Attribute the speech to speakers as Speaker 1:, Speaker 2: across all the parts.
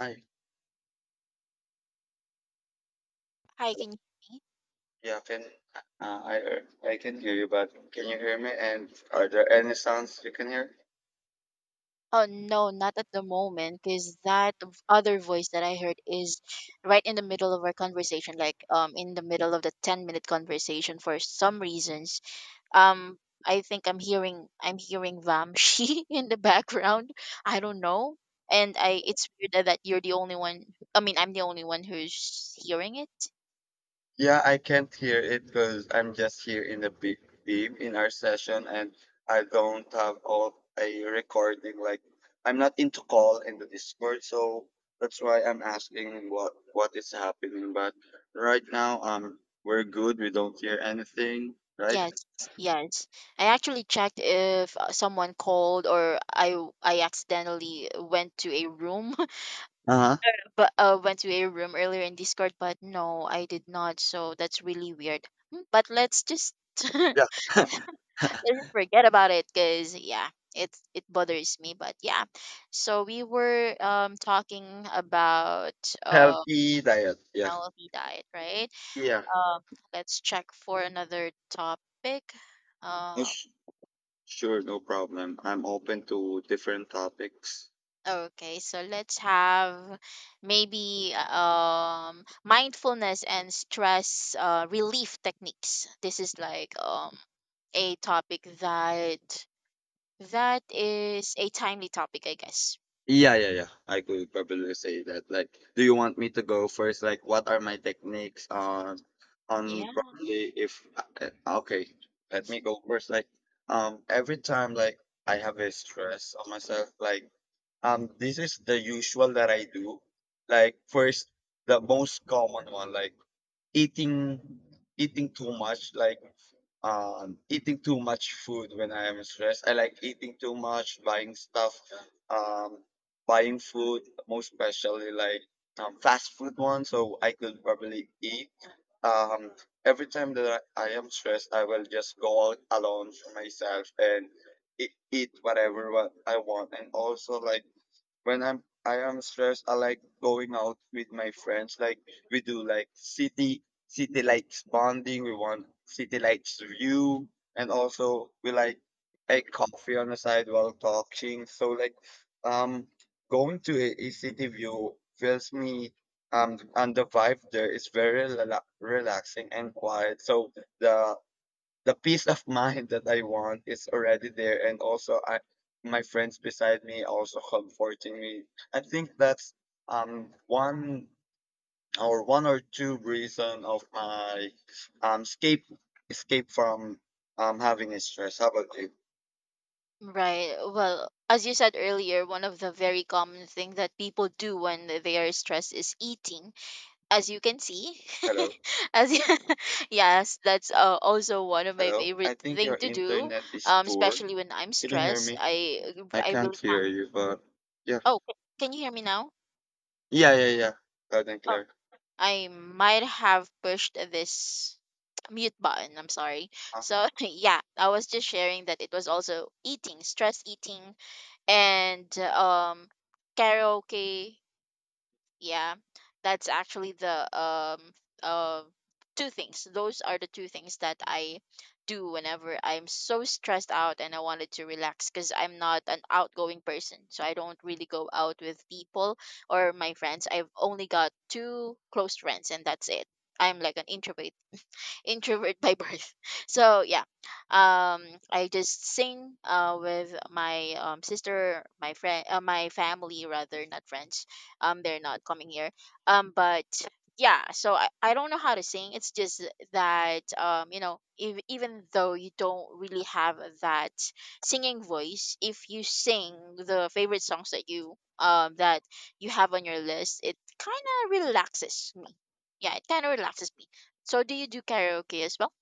Speaker 1: Hi.
Speaker 2: Hiking?
Speaker 1: Yeah, can I can hear you, but can you hear me? And are there any sounds you can hear?
Speaker 2: Oh no, not at the moment, because that other voice that I heard is right in the middle of our conversation, like in the middle of the 10 minute conversation for some reasons. Um, I think I'm hearing Vamshi in the background. I don't know, and I it's weird that you're the only one. I mean, I'm the only one who's hearing it.
Speaker 1: Yeah, I can't hear it because I'm just here in the big beam in our session, and I don't have all a recording. Like I'm not into call in the Discord, so that's why I'm asking what is happening. But right now, we're good. We don't hear anything, right?
Speaker 2: Yes, yes. I actually checked if someone called or I accidentally went to a room
Speaker 1: Uh huh.
Speaker 2: but went to a room earlier in Discord, but no, I did not. So that's really weird. But let's just
Speaker 1: Yeah.
Speaker 2: let's just forget about it, cause yeah, it bothers me. But yeah, so we were talking about uh
Speaker 1: Healthy diet. Yeah.
Speaker 2: healthy diet, right?
Speaker 1: Yeah.
Speaker 2: Um, let's check for another topic. Uh,
Speaker 1: Sure, no problem. I'm open to different topics.
Speaker 2: Okay, so let's have maybe mindfulness and stress relief techniques. This is like a topic that is a timely topic, I guess.
Speaker 1: Yeah, yeah, yeah. I could probably say that. Like, do you want me to go first? Like, what are my techniques on
Speaker 2: Yeah.
Speaker 1: probably if okay, let me go first. Like, every time like I have a stress on myself, like this is the usual that I do. Like, first, the most common one, like eating eating too much, like. Eating too much food when I am stressed. I like eating too much, buying stuff, um, buying food, most especially like fast food one. So I could probably eat. Um, every time that I am stressed, I will just go out alone for myself and eat, eat whatever what I want. And also like when I am stressed, I like going out with my friends. Like we do like city lights bonding. We want city lights view, and also we like take coffee on the side while talking. So like um going to a city view feels me and the vibe there is very relaxing and quiet. So the the peace of mind that I want is already there, and also I, my friends beside me also comforting me. I think that's one or one or two reason of my um escape escape from having a stress. How about you?
Speaker 2: Right. Well, as you said earlier, one of the very common thing that people do when they are stressed is eating, as you can see.
Speaker 1: Hello,
Speaker 2: as you, yes, that's also one of my
Speaker 1: hello. I
Speaker 2: favorite
Speaker 1: think
Speaker 2: thing
Speaker 1: your
Speaker 2: to do,
Speaker 1: internet is poor.
Speaker 2: especially when I'm
Speaker 1: Can you hear
Speaker 2: stressed.
Speaker 1: me?
Speaker 2: i
Speaker 1: I
Speaker 2: i
Speaker 1: can't
Speaker 2: really can't.
Speaker 1: hear you, but yeah,
Speaker 2: Oh can you hear me now?
Speaker 1: yeah, yeah, yeah. Loud and
Speaker 2: Oh,
Speaker 1: clear.
Speaker 2: I might have pushed this mute button, I'm sorry.
Speaker 1: Uh,
Speaker 2: So yeah, I was just sharing that it was also eating, stress eating, and karaoke. Yeah, that's actually the uh two things. Those are the two things that I do whenever I'm so stressed out and I wanted to relax because I'm not an outgoing person. So I don't really go out with people or my friends. I've only got two close friends and that's it. I'm like an introvert by birth. So yeah, um, I just sing with my sister, my friend, my family rather, not friends. They're not coming here. But yeah, so I don't know how to sing. It's just that if, even though you don't really have that singing voice, if you sing the favorite songs that you have on your list, it kind of relaxes me. Yeah, it kind of relaxes me. So do you do karaoke as well?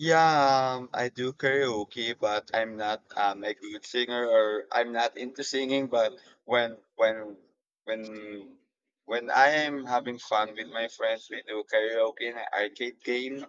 Speaker 1: Yeah, I do karaoke, but I'm not a good singer, or I'm not into singing. But when when when when I am having fun with my friends, we do karaoke in an arcade game.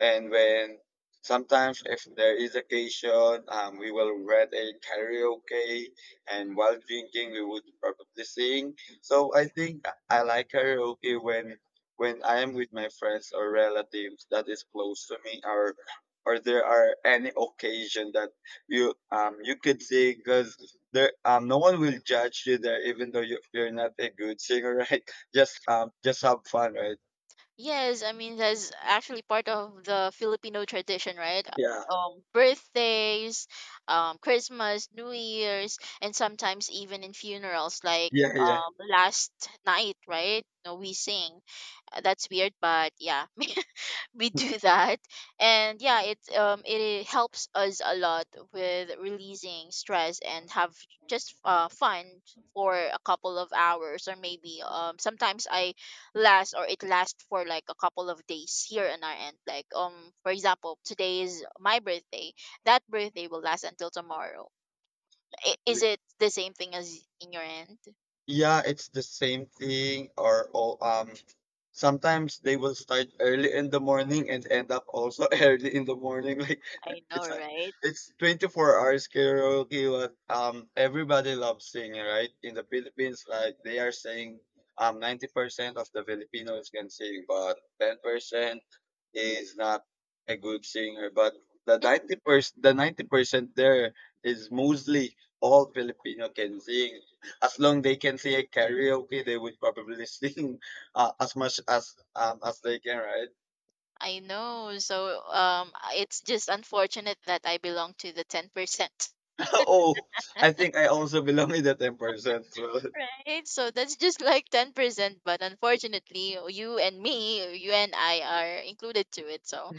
Speaker 1: And when sometimes if there is occasion, we will rent a karaoke, and while drinking, we would probably sing. So I think I like karaoke when I am with my friends or relatives that is close to me, or there are any occasion that you you could sing because there no one will judge you there even though you, you're not a good singer right just have fun right.
Speaker 2: Yes, I mean that's actually part of the Filipino tradition, right?
Speaker 1: Yeah,
Speaker 2: Birthdays, Christmas, New Year's, and sometimes even in funerals, like
Speaker 1: yeah,
Speaker 2: last night, right? No, we sing. That's weird, but yeah, we
Speaker 1: yeah.
Speaker 2: do that. And yeah, it helps us a lot with releasing stress and have just fun for a couple of hours, or maybe sometimes I last, or it lasts for like a couple of days here on our end. Like for example, today is my birthday. That birthday will last until tomorrow. Is it the same thing as in your end?
Speaker 1: Yeah, it's the same thing or all sometimes they will start early in the morning and end up also early in the morning. Like
Speaker 2: I know,
Speaker 1: it's a-
Speaker 2: right.
Speaker 1: it's 24 hours karaoke but everybody loves singing, right? In the Philippines, like they are saying 90% of the Filipinos can sing, but 10% is not a good singer. But the 90% the 90% there is mostly all Filipino can sing as long they can see a karaoke, they would probably sing as much as they can, right?
Speaker 2: I know. So it's just unfortunate that I belong to the 10%.
Speaker 1: Oh, I think I also belong in the 10%. So
Speaker 2: Right, so that's just like 10%, but unfortunately, you and me, you and I are included to it. So,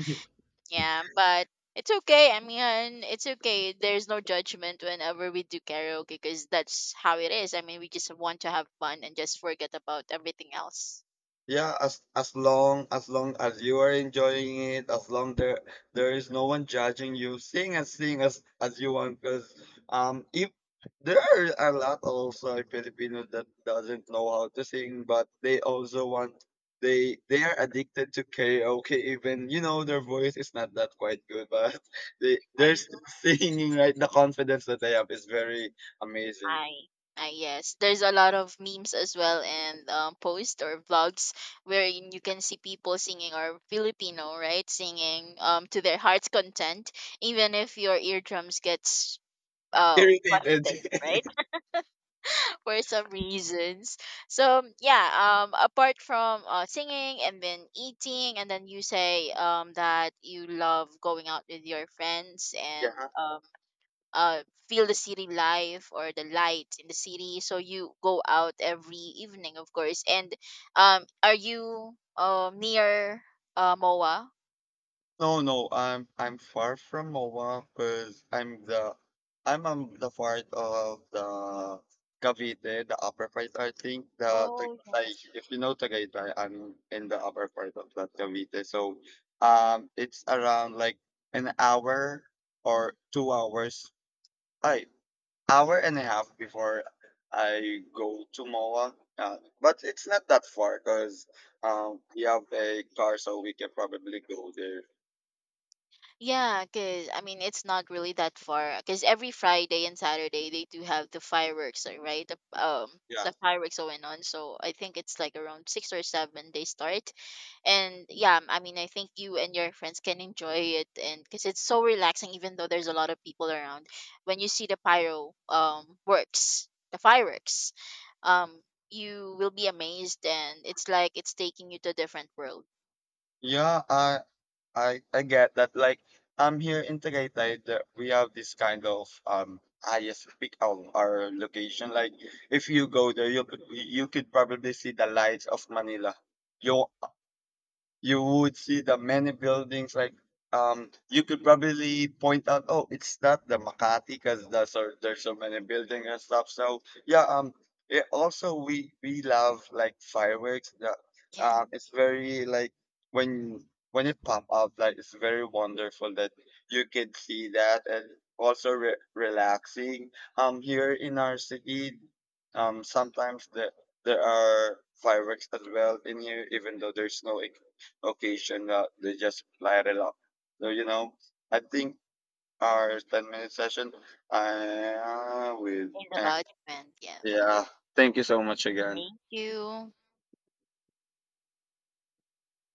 Speaker 2: yeah, but it's okay. I mean, it's okay. There's no judgment whenever we do karaoke because that's how it is. I mean, we just want to have fun and just forget about everything else.
Speaker 1: yeah, as long as long as you are enjoying it, as long there there is no one judging you, sing and sing as you want. Because if there are a lot also Filipinos that doesn't know how to sing, but they also want they are addicted to karaoke. Even their voice is not that quite good, but they're
Speaker 2: I
Speaker 1: still singing right. The confidence that they have is very amazing.
Speaker 2: I, I yes, there's a lot of memes as well, and posts or vlogs wherein you can see people singing, or Filipino, right, singing to their heart's content, even if your eardrums gets busted,
Speaker 1: Irritated.
Speaker 2: right, for some reasons. So yeah, apart from singing, and then eating, and then you say that you love going out with your friends, and
Speaker 1: Yeah.
Speaker 2: uh, feel the city life or the lights in the city. So you go out every evening, of course. And are you near MOA?
Speaker 1: No, no, I'm far from Moa because I'm the I'm on the part of the Cavite, the upper part. I think
Speaker 2: Oh
Speaker 1: like
Speaker 2: yes.
Speaker 1: if you know Tagaytay, I'm in the upper part of that Cavite. So it's around like an hour or 2 hours, I hour and a half before I go to Moa. But it's not that far because we have a car, so we can probably go there.
Speaker 2: Yeah, because I mean, it's not really that far. Because every Friday and Saturday, they do have the fireworks, right?
Speaker 1: Yeah,
Speaker 2: The fireworks going on. So I think it's like around six or seven they start. And yeah, I mean, I think you and your friends can enjoy it. And because it's so relaxing, even though there's a lot of people around, when you see the pyro works, the fireworks, um, you will be amazed. And it's like it's taking you to a different world.
Speaker 1: yeah, I get that. Like, I'm here in Tagaytay. That we have this kind of highest peak of our location. Like, if you go there, you could probably see the lights of Manila. You you would see the many buildings like you could probably point out oh it's not the makati because there's so many buildings and stuff so yeah it also we love like fireworks yeah
Speaker 2: Yeah.
Speaker 1: it's very like when when it pop up like it's very wonderful that you can see that and also relaxing here in our city sometimes there are fireworks as well in here even though there's no occasion they just lighted up. So you know, I think our 10 minute session. With
Speaker 2: And
Speaker 1: uh,
Speaker 2: about, man. Yeah.
Speaker 1: yeah. Thank you so much again.
Speaker 2: Thank you.